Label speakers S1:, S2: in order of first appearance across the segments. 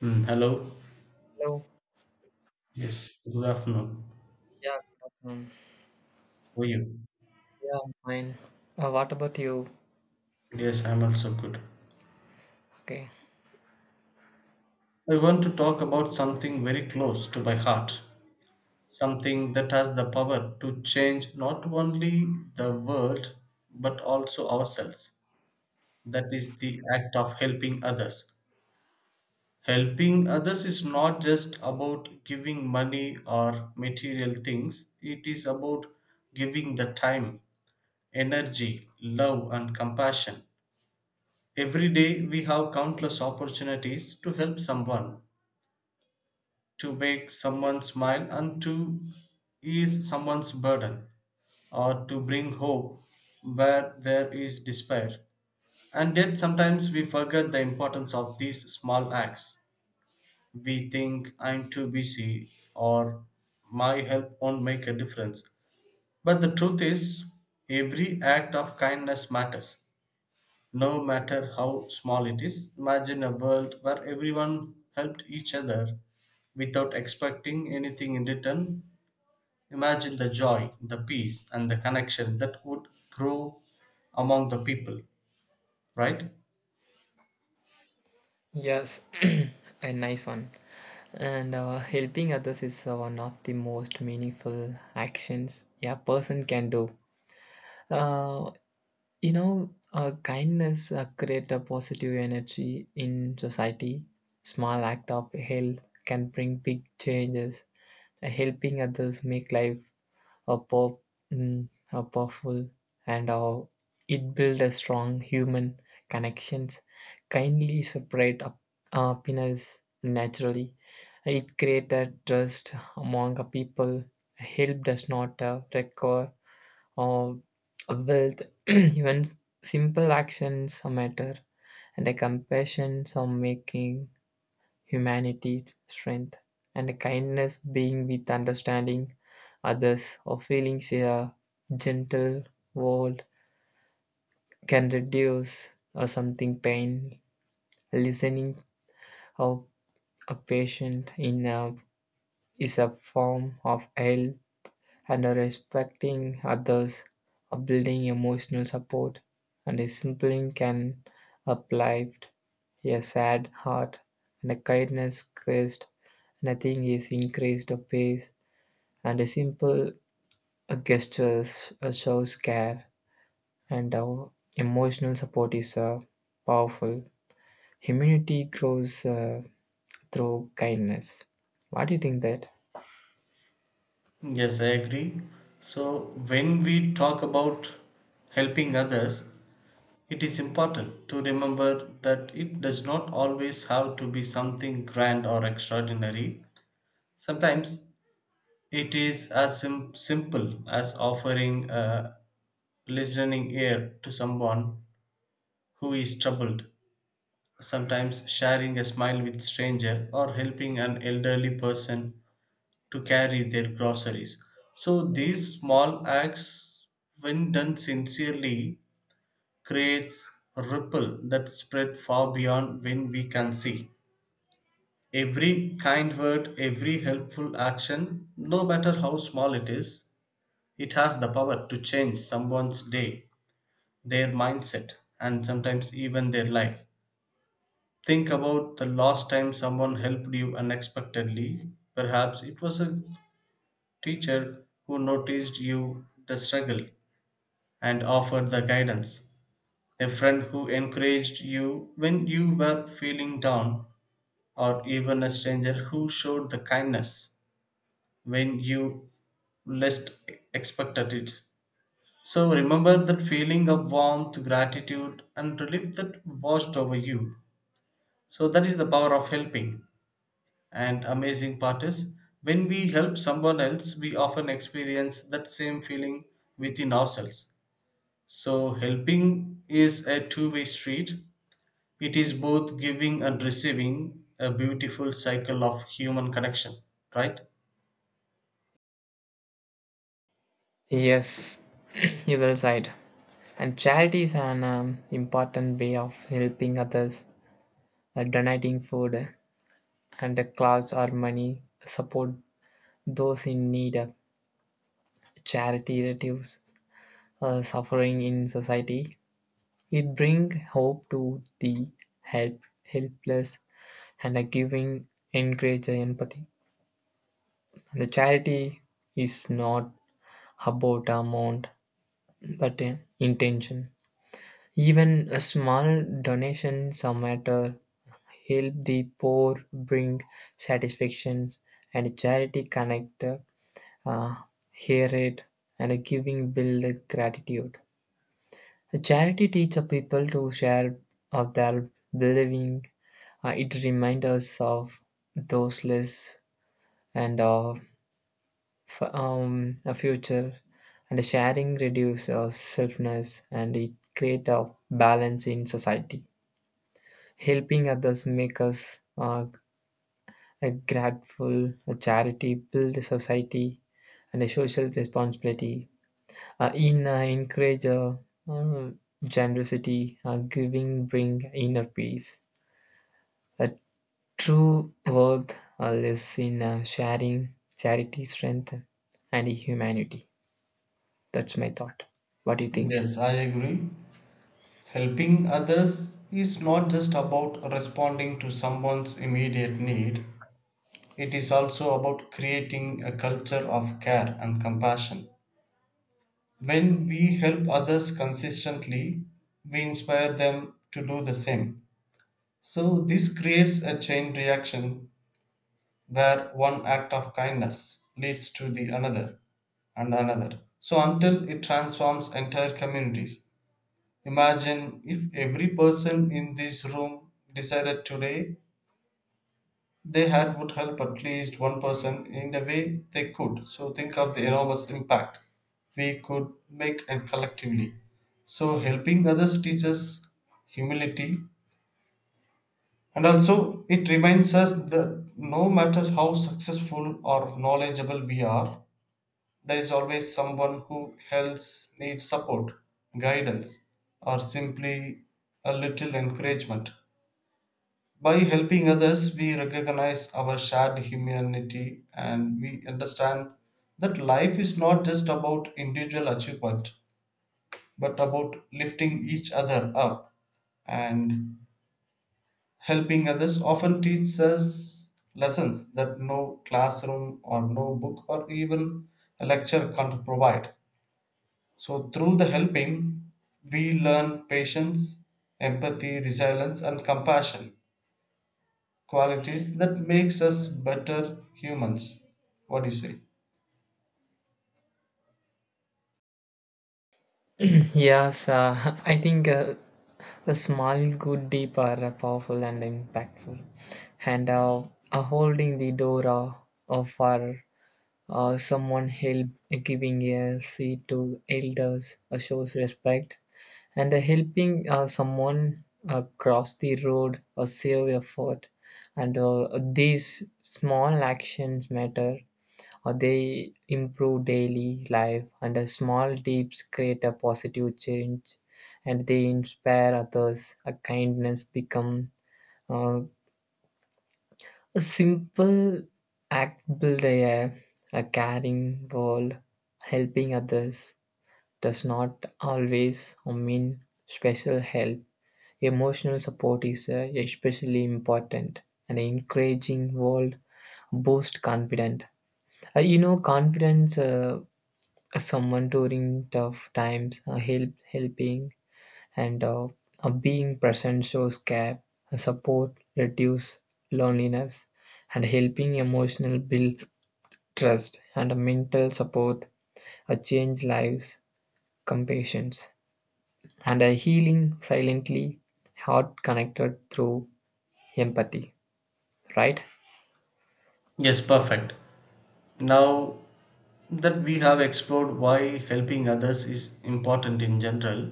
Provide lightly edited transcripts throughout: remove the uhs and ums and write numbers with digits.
S1: Hello.
S2: Hello.
S1: Yes, good afternoon.
S2: Yeah, good afternoon.
S1: How are you?
S2: Yeah, I'm fine. What about you?
S1: Yes, I'm also good.
S2: Okay.
S1: I want to talk about something very close to my heart, something that has the power to change not only the world but also ourselves. That is the act of helping others. Helping others is not just about giving money or material things, it is about giving the time, energy, love, and compassion. Every day we have countless opportunities to help someone, to make someone smile, and to ease someone's burden, or to bring hope where there is despair. And yet, sometimes we forget the importance of these small acts. We think, I'm too busy, or my help won't make a difference. But the truth is, every act of kindness matters, no matter how small it is. Imagine a world where everyone helped each other without expecting anything in return. Imagine the joy, the peace, and the connection that would grow among the people, right?
S2: Yes, a nice one. And helping others is one of the most meaningful actions a person can do. Uh, kindness create a positive energy in society. Small act of help can bring big changes. Helping others make life a pop, a powerful, and it built a strong human connections. Kindly separate up, happiness naturally. It created trust among a people. Help does not require or wealth. Even simple actions matter, and a compassion some making humanity's strength, and kindness being with understanding others or feeling a gentle world can reduce or something pain. Listening of a patient in a, is a form of health and respecting others, building emotional support, and a simple can uplift a sad heart, and a kindness crest. Nothing is increased a pace, and a simple gestures shows care, and our emotional support is powerful. Immunity grows through kindness. What do you think that?
S1: Yes, I agree. So, when we talk about helping others, it is important to remember that it does not always have to be something grand or extraordinary. Sometimes it is as simple as offering a listening ear to someone who is troubled, sometimes sharing a smile with stranger or helping an elderly person to carry their groceries. So these small acts when done sincerely creates a ripple that spread far beyond when we can see. Every kind word, every helpful action, no matter how small it is, it has the power to change someone's day, their mindset, and sometimes even their life. Think about the last time someone helped you unexpectedly. Perhaps it was a teacher who noticed you the struggle and offered the guidance, a friend who encouraged you when you were feeling down, or even a stranger who showed the kindness when you least expected it. So remember that feeling of warmth, gratitude, and relief that washed over you. So that is the power of helping. And amazing part is when we help someone else, we often experience that same feeling within ourselves. So helping is a two-way street, it is both giving and receiving a beautiful cycle of human connection, right?
S2: Yes, you well said. And charity is an important way of helping others, like donating food and clothes or money, support those in need. Charity reduces suffering in society. It brings hope to the helpless and a giving encourages empathy. The charity is not about amount but intention. Even a small donation, some matter help the poor bring satisfactions and charity connect uh, hear it and giving build gratitude. Charity teaches people to share of their believing. It reminds us of those less and of a future. And sharing reduces selfness and it creates a balance in society. Helping others make us a grateful, a charity, build a society, and a social responsibility. In encourage uh, generosity, giving bring inner peace. A true worth lives in sharing, charity, strength, and humanity. That's my thought. What do you think?
S1: Yes, I agree. Helping others is not just about responding to someone's immediate need, it is also about creating a culture of care and compassion. When we help others consistently, we inspire them to do the same. So, this creates a chain reaction where one act of kindness leads to the another and another, so until it transforms entire communities. Imagine if every person in this room decided today they had would help at least one person in the way they could. So think of the enormous impact we could make and collectively. So helping others teaches humility, and also it reminds us that no matter how successful or knowledgeable we are, there is always someone who else needs support, guidance, or simply a little encouragement. By helping others, we recognize our shared humanity and we understand that life is not just about individual achievement but about lifting each other up. And helping others often teaches us lessons that no classroom or no book or even a lecture can't provide. So, through the helping, we learn patience, empathy, resilience, and compassion, qualities that makes us better humans. What do you say?
S2: Yes, I think a small good deed are powerful and impactful, and holding the door of our someone help, giving a seat to elders shows respect, and helping someone cross the road or save a and these small actions matter or they improve daily life and a small deeds create a positive change and they inspire others a kindness become uh, a simple act build a caring world helping others does not always mean special help emotional support is especially important and encouraging world boost confidence you know confidence someone during tough times, helping and being present shows care, support reduce loneliness, and helping emotional build trust and mental support change lives, compassions, and a healing silently, heart connected through empathy. Right?
S1: Yes, perfect. Now that we have explored why helping others is important in general,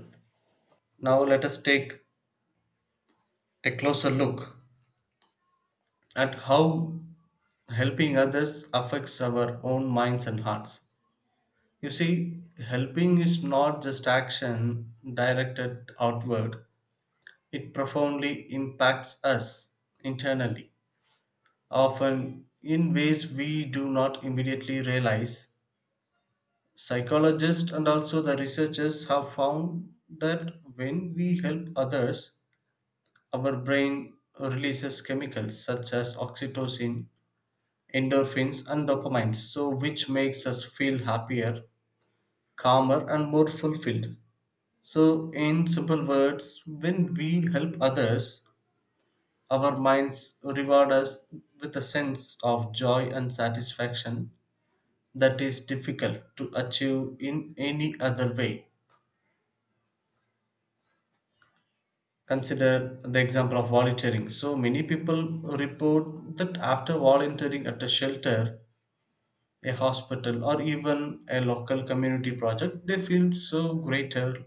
S1: now let us take a closer look at how helping others affects our own minds and hearts. You see, helping is not just action directed outward, it profoundly impacts us internally, often in ways we do not immediately realize. Psychologists and also the researchers have found that when we help others, our brain releases chemicals such as oxytocin, endorphins, and dopamine, so which makes us feel happier, calmer, and more fulfilled. So, in simple words, when we help others, our minds reward us with a sense of joy and satisfaction that is difficult to achieve in any other way. Consider the example of volunteering. So many people report that after volunteering at a shelter, a hospital, or even a local community project, they feel so greater,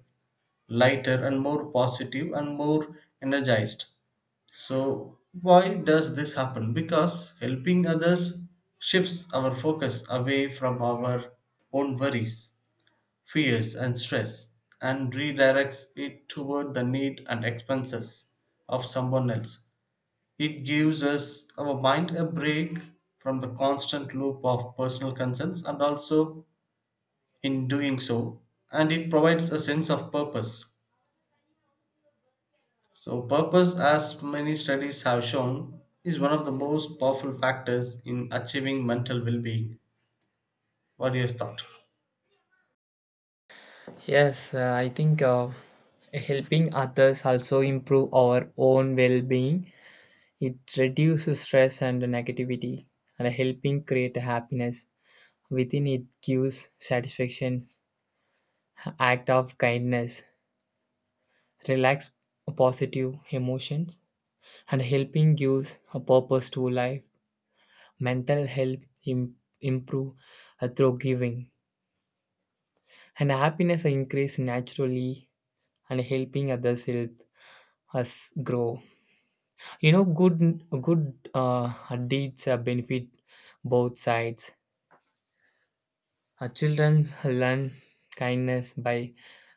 S1: lighter, and more positive and more energized. So, why does this happen? Because helping others shifts our focus away from our own worries, fears and stress, and redirects it toward the need and expenses of someone else. It gives us our mind a break from the constant loop of personal concerns, and also in doing so and it provides a sense of purpose. So purpose, as many studies have shown, is one of the most powerful factors in achieving mental well-being. What do you thought?
S2: Yes, I think helping others also improve our own well-being. It reduces stress and negativity, and helping create happiness within it gives satisfaction, act of kindness, relax positive emotions, and helping gives a purpose to life. Mental health improve through giving, and happiness increase naturally, and helping others help us grow. You know, good deeds benefit both sides. Children learn kindness by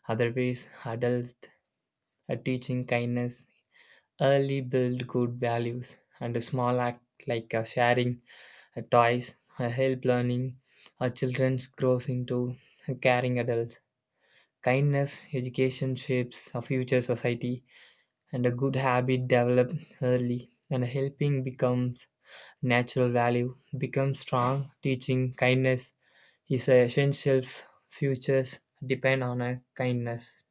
S2: other ways. Adults teaching kindness early build good values, and a small act like sharing toys help learning. Children grows into caring adults. Kindness education shapes a future society, and a good habit developed early and helping becomes natural value. Becomes strong, teaching kindness is essential. Futures depend on a kindness.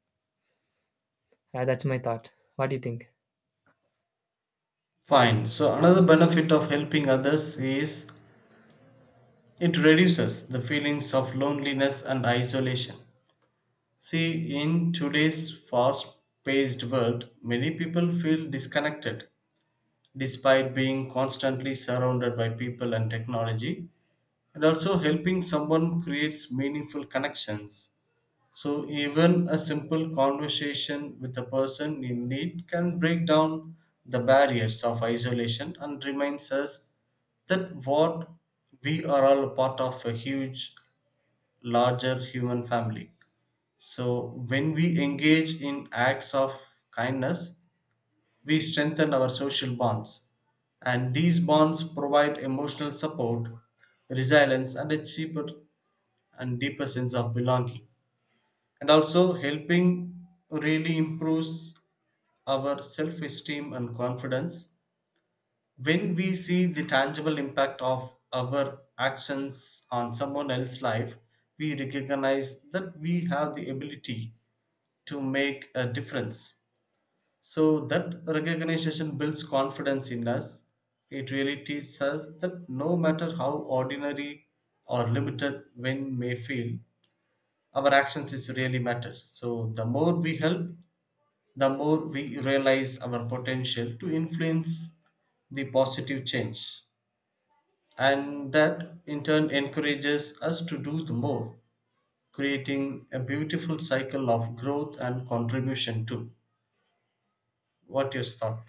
S2: That's my thought. What do you think?
S1: Fine. So another benefit of helping others is it reduces the feelings of loneliness and isolation. See, in today's fast paced world, many people feel disconnected despite being constantly surrounded by people and technology. And also, helping someone creates meaningful connections. So, even a simple conversation with a person in need can break down the barriers of isolation and reminds us that what we are all a part of a huge larger human family. So, when we engage in acts of kindness, we strengthen our social bonds. And these bonds provide emotional support, resilience, and a cheaper and deeper sense of belonging. And also, helping really improves our self esteem and confidence. When we see the tangible impact of our actions on someone else's life, we recognize that we have the ability to make a difference. So that recognition builds confidence in us. It really teaches us that no matter how ordinary or limited one may feel, our actions is really matter. So the more we help, the more we realize our potential to influence the positive change. And that in turn encourages us to do the more, creating a beautiful cycle of growth and contribution too. What your thought?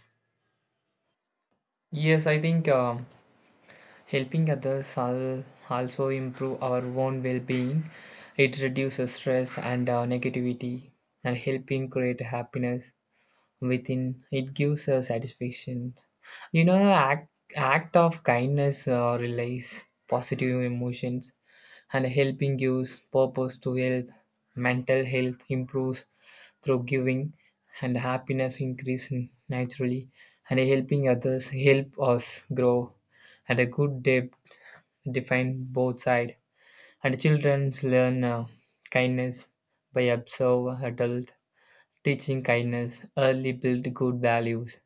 S2: Yes, I think helping others also improve our own well-being. It reduces stress and negativity, and helping create happiness within it gives a satisfaction, you know, act of kindness relays positive emotions and helping gives purpose to help mental health improves through giving and happiness increase naturally and helping others help us grow and a good debt define both sides and children learn kindness by observe adult. Teaching kindness, early build good values,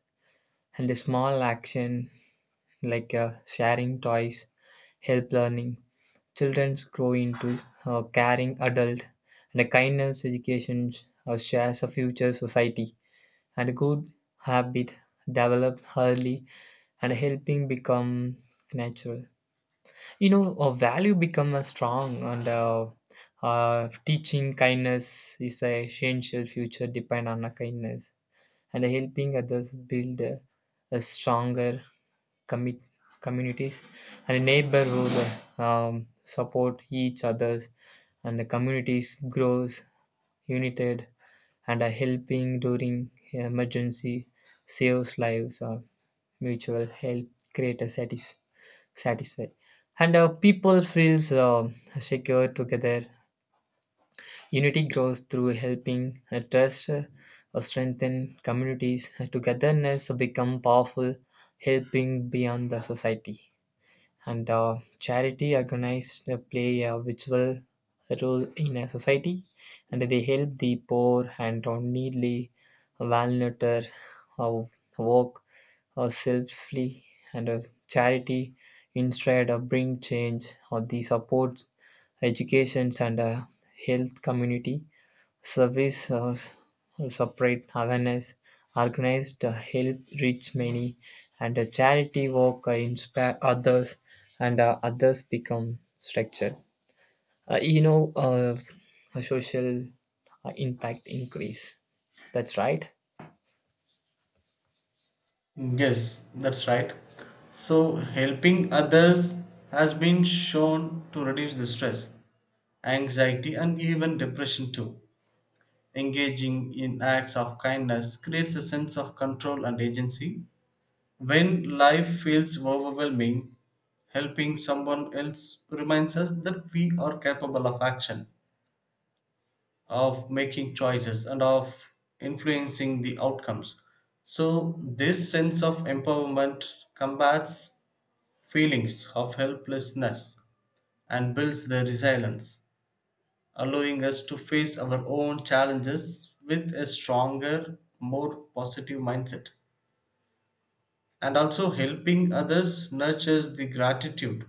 S2: and a small action like sharing toys help learning. Children grow into caring adult, and a kindness education shares a future society. And a good habit develop early and helping become natural. You know, a value become a strong and teaching kindness is a essential future depend on a kindness and helping others build a stronger commit communities and neighborhood support each others and the communities grows united and are helping during emergency saves lives or mutual help create a satisfy and people feels secure together. Unity grows through helping trust or strengthen communities. Togetherness become powerful, helping beyond the society. And charity organized play a vital role in a society, and they help the poor and needy, vulnerable, uh, work selflessly, and charity instead of bring change or the support educations and health community services separate awareness, organized help reach many, and charity work inspire others, and others become structured. Uh, you know, uh, a social impact increase. That's right.
S1: Yes, that's right. So, helping others has been shown to reduce the stress, anxiety, and even depression too. Engaging in acts of kindness creates a sense of control and agency. When life feels overwhelming, helping someone else reminds us that we are capable of action, of making choices, and of influencing the outcomes. So, this sense of empowerment combats feelings of helplessness and builds the resilience, allowing us to face our own challenges with a stronger, more positive mindset. And also, helping others nurtures the gratitude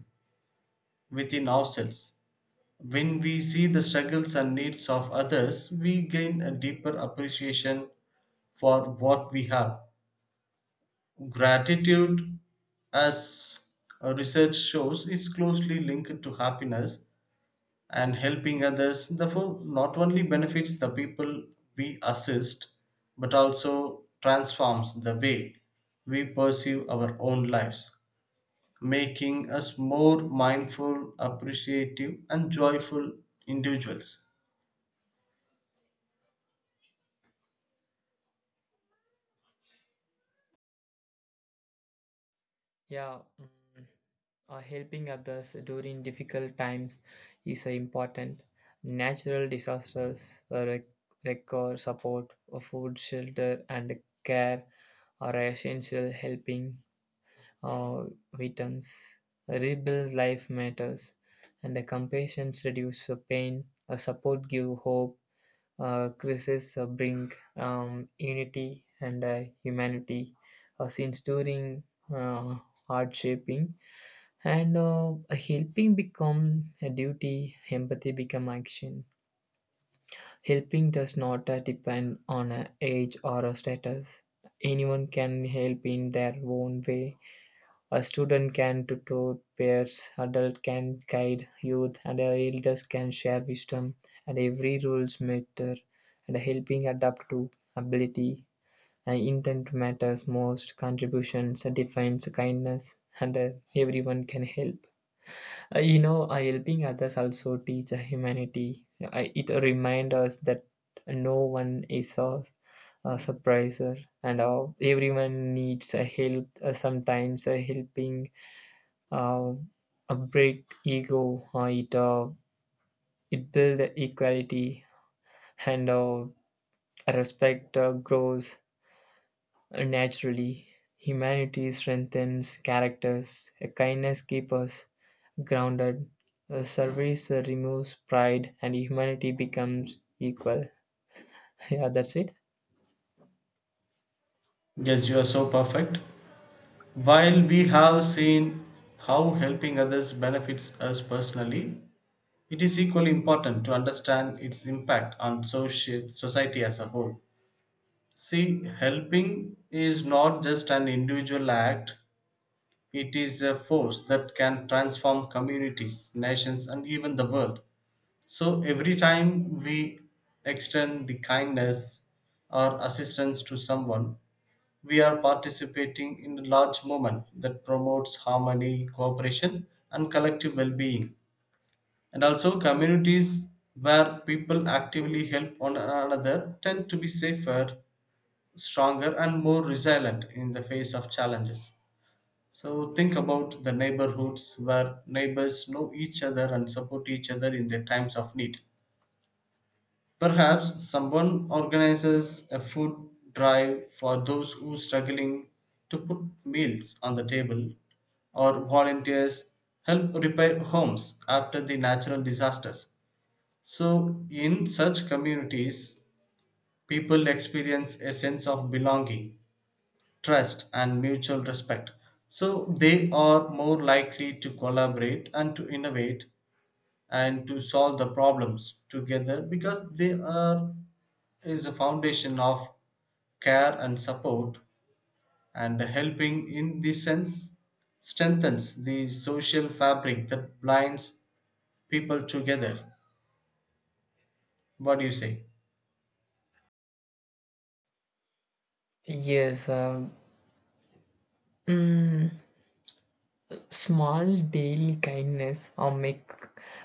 S1: within ourselves. When we see the struggles and needs of others, we gain a deeper appreciation for what we have. Gratitude, as research shows, is closely linked to happiness, and helping others therefore not only benefits the people we assist but also transforms the way we perceive our own lives, making us more mindful appreciative and joyful individuals.
S2: Yeah. Mm. Helping others during difficult times is important. Natural disasters require support, of food, shelter, and care are essential. Helping uh, victims rebuild life matters, and the compassion reduces pain. Support give hope. Crisis bring unity and humanity. Since during uh, hard shaping and helping become a duty empathy become action helping does not depend on a age or a status anyone can help in their own way a student can tutor peers adult can guide youth and elders can share wisdom and every rules matter and helping adapt to ability and intent matters most contributions defines kindness and everyone can help. Helping others also teach humanity. It reminds us that no one is a surpriser and everyone needs help. Sometimes helping uh, break ego. It it build equality and respect grows naturally. Humanity strengthens characters. Kindness keeps us grounded. Service removes pride and humanity becomes equal. Yeah, that's it.
S1: Yes, you are so perfect. While we have seen how helping others benefits us personally, it is equally important to understand its impact on social society as a whole. See, helping is not just an individual act, it is a force that can transform communities, nations, and even the world. So, every time we extend the kindness or assistance to someone, we are participating in a large movement that promotes harmony, cooperation, and collective well being. And also, communities where people actively help one another tend to be safer, stronger and more resilient in the face of challenges. So think about the neighborhoods where neighbors know each other and support each other in their times of need. Perhaps someone organizes a food drive for those who are struggling to put meals on the table, or volunteers help repair homes after the natural disasters. So, in such communities, people experience a sense of belonging, trust and mutual respect, so they are more likely to collaborate and to innovate and to solve the problems together because they are is a foundation of care and support, and helping in this sense strengthens the social fabric that binds people together. What do you say?
S2: Yes. Mm, small daily kindness or make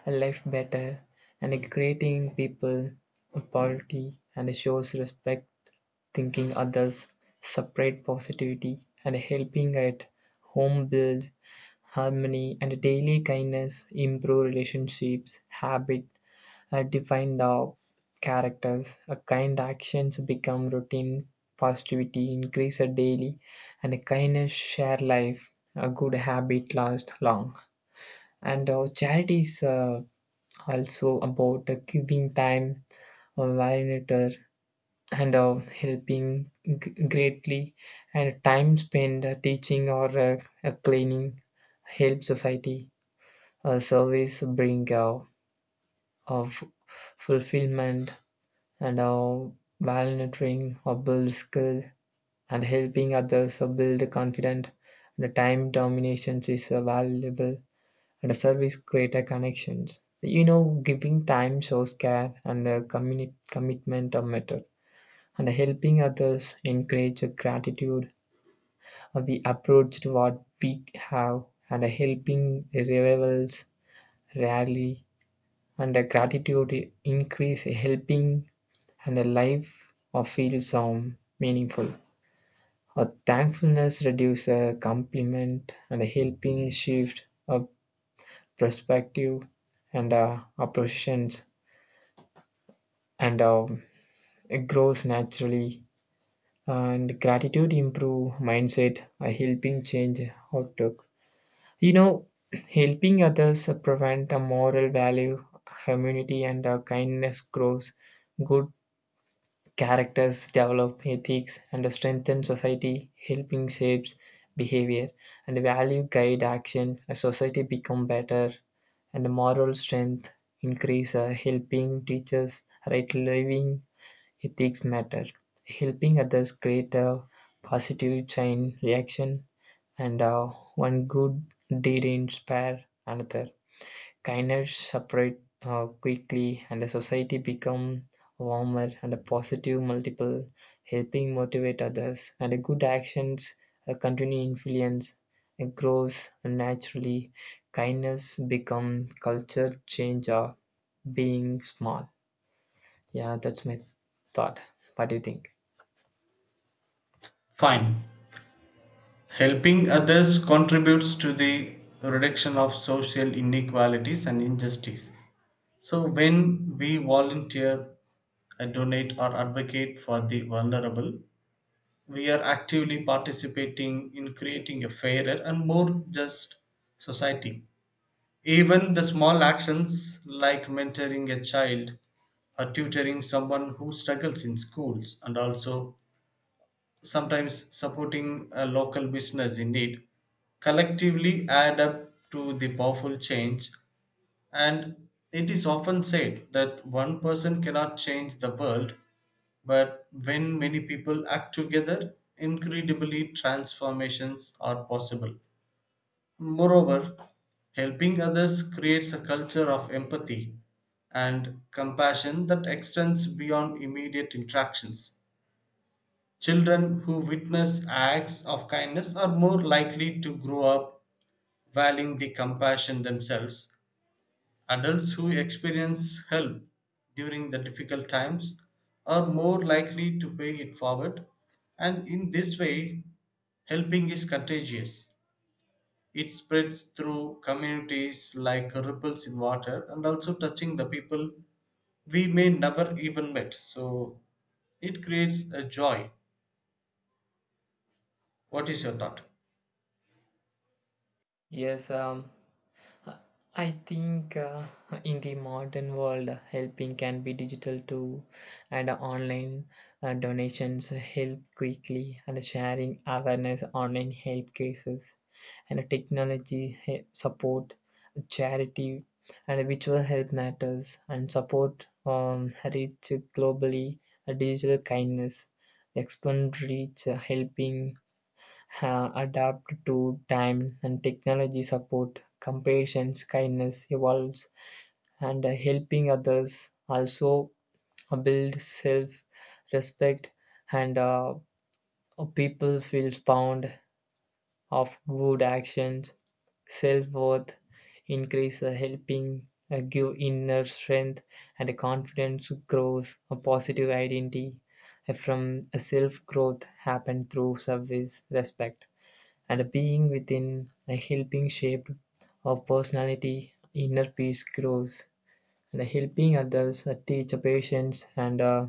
S2: life better and it creating people equality and it shows respect, thinking others, separate positivity and helping at home build harmony and daily kindness improve relationships, habit, defined of characters, a kind actions become routine, positivity increase a daily and a kindness share life a good habit last long and our charity is also about giving time validator and helping greatly and time spent teaching or cleaning help society service bring of fulfillment and volunteering or build skill and helping others build confidence and time domination is valuable and a service greater connections, you know, giving time shows care and a commitment of method and helping others encourage gratitude. We approach to what we have and helping rivals rarely and a gratitude increase helping and a life of feels some meaningful a thankfulness reduce a compliment and a helping shift of perspective and appreciations and it grows naturally and gratitude improve mindset a helping change outlook, you know, helping others prevent a moral value humanity and kindness grows good. Characters develop ethics and strengthen society, helping shapes behavior and value guide action. A society become better and moral strength increase, helping teachers right living ethics matter. Helping others create a positive chain reaction and one good deed inspire another. Kindness separate quickly, and the society become warmer and a positive multiple, helping motivate others. And the good actions continue influence and grows naturally. Kindness become culture change of being small. Yeah, that's my thought. What do you think?
S1: Fine. Helping others contributes to the reduction of social inequalities and injustice. So, when we volunteer, donate, or advocate for the vulnerable, we are actively participating in creating a fairer and more just society. Even the small actions like mentoring a child or tutoring someone who struggles in schools, and also sometimes supporting a local business in need, collectively add up to the powerful change. And it is often said that one person cannot change the world, but when many people act together, incredibly transformations are possible. Moreover, helping others creates a culture of empathy and compassion that extends beyond immediate interactions. Children who witness acts of kindness are more likely to grow up valuing the compassion themselves. Adults who experience help during the difficult times are more likely to pay it forward, and in this way, helping is contagious. It spreads through communities like ripples in water, and also touching the people we may never even met. So it creates a joy. What is your thought?
S2: Yes, I think in the modern world, helping can be digital too, and online donations help quickly, and sharing awareness online help cases, and technology support, charity, and virtual health matters, and support reach globally, digital kindness, expand reach, helping adapt to time and technology support compassion kindness evolves and helping others also build self respect and people feel fond of good actions self worth increase helping give inner strength and confidence grows a positive identity from self growth happen through service respect and a being within a helping shape of personality, inner peace grows. And helping others teach patience and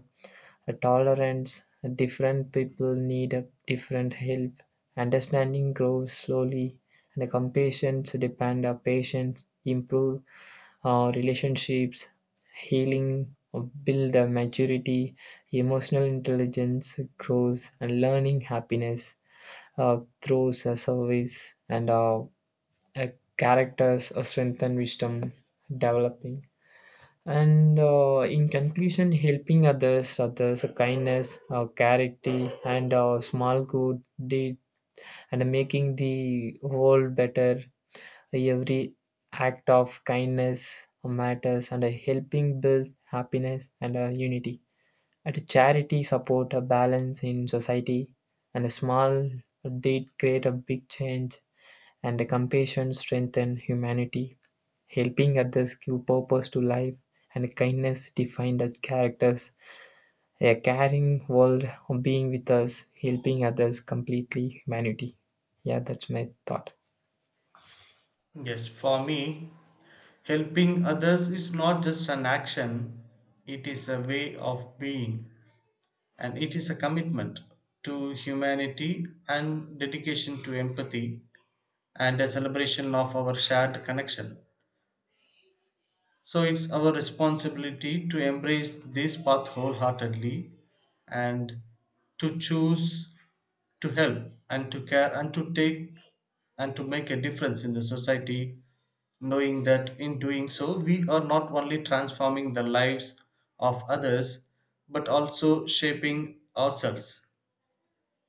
S2: a tolerance. Different people need a different help. Understanding grows slowly, and compassion to depend on patience, improve relationships, healing, or build a maturity, emotional intelligence grows, and learning happiness through service and a character's a strength and wisdom developing. And in conclusion, helping others, kindness, a charity, and a small good deed, and making the world better. Every act of kindness matters, and helping build happiness and unity. And charity support a balance in society, and a small deed create a big change and compassion strengthen humanity. Helping others give purpose to life and kindness define the characters. A caring world being with us, helping others completely humanity. Yeah, that's my thought.
S1: Yes, for me, helping others is not just an action, it is a way of being, and it is a commitment to humanity and dedication to empathy and a celebration of our shared connection. So it's our responsibility to embrace this path wholeheartedly, and to choose to help and to care and to take and to make a difference in the society, knowing that in doing so, we are not only transforming the lives of others but also shaping ourselves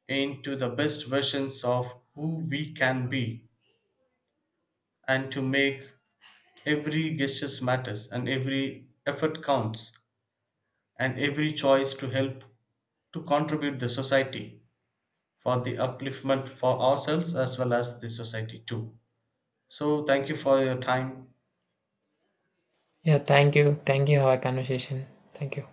S1: into the best versions of who we can be, and to make every gesture matters and every effort counts and every choice to help to contribute the society for the upliftment for ourselves as well as the society too. So thank you for your time.
S2: Yeah, thank you. Thank you for our conversation. Thank you.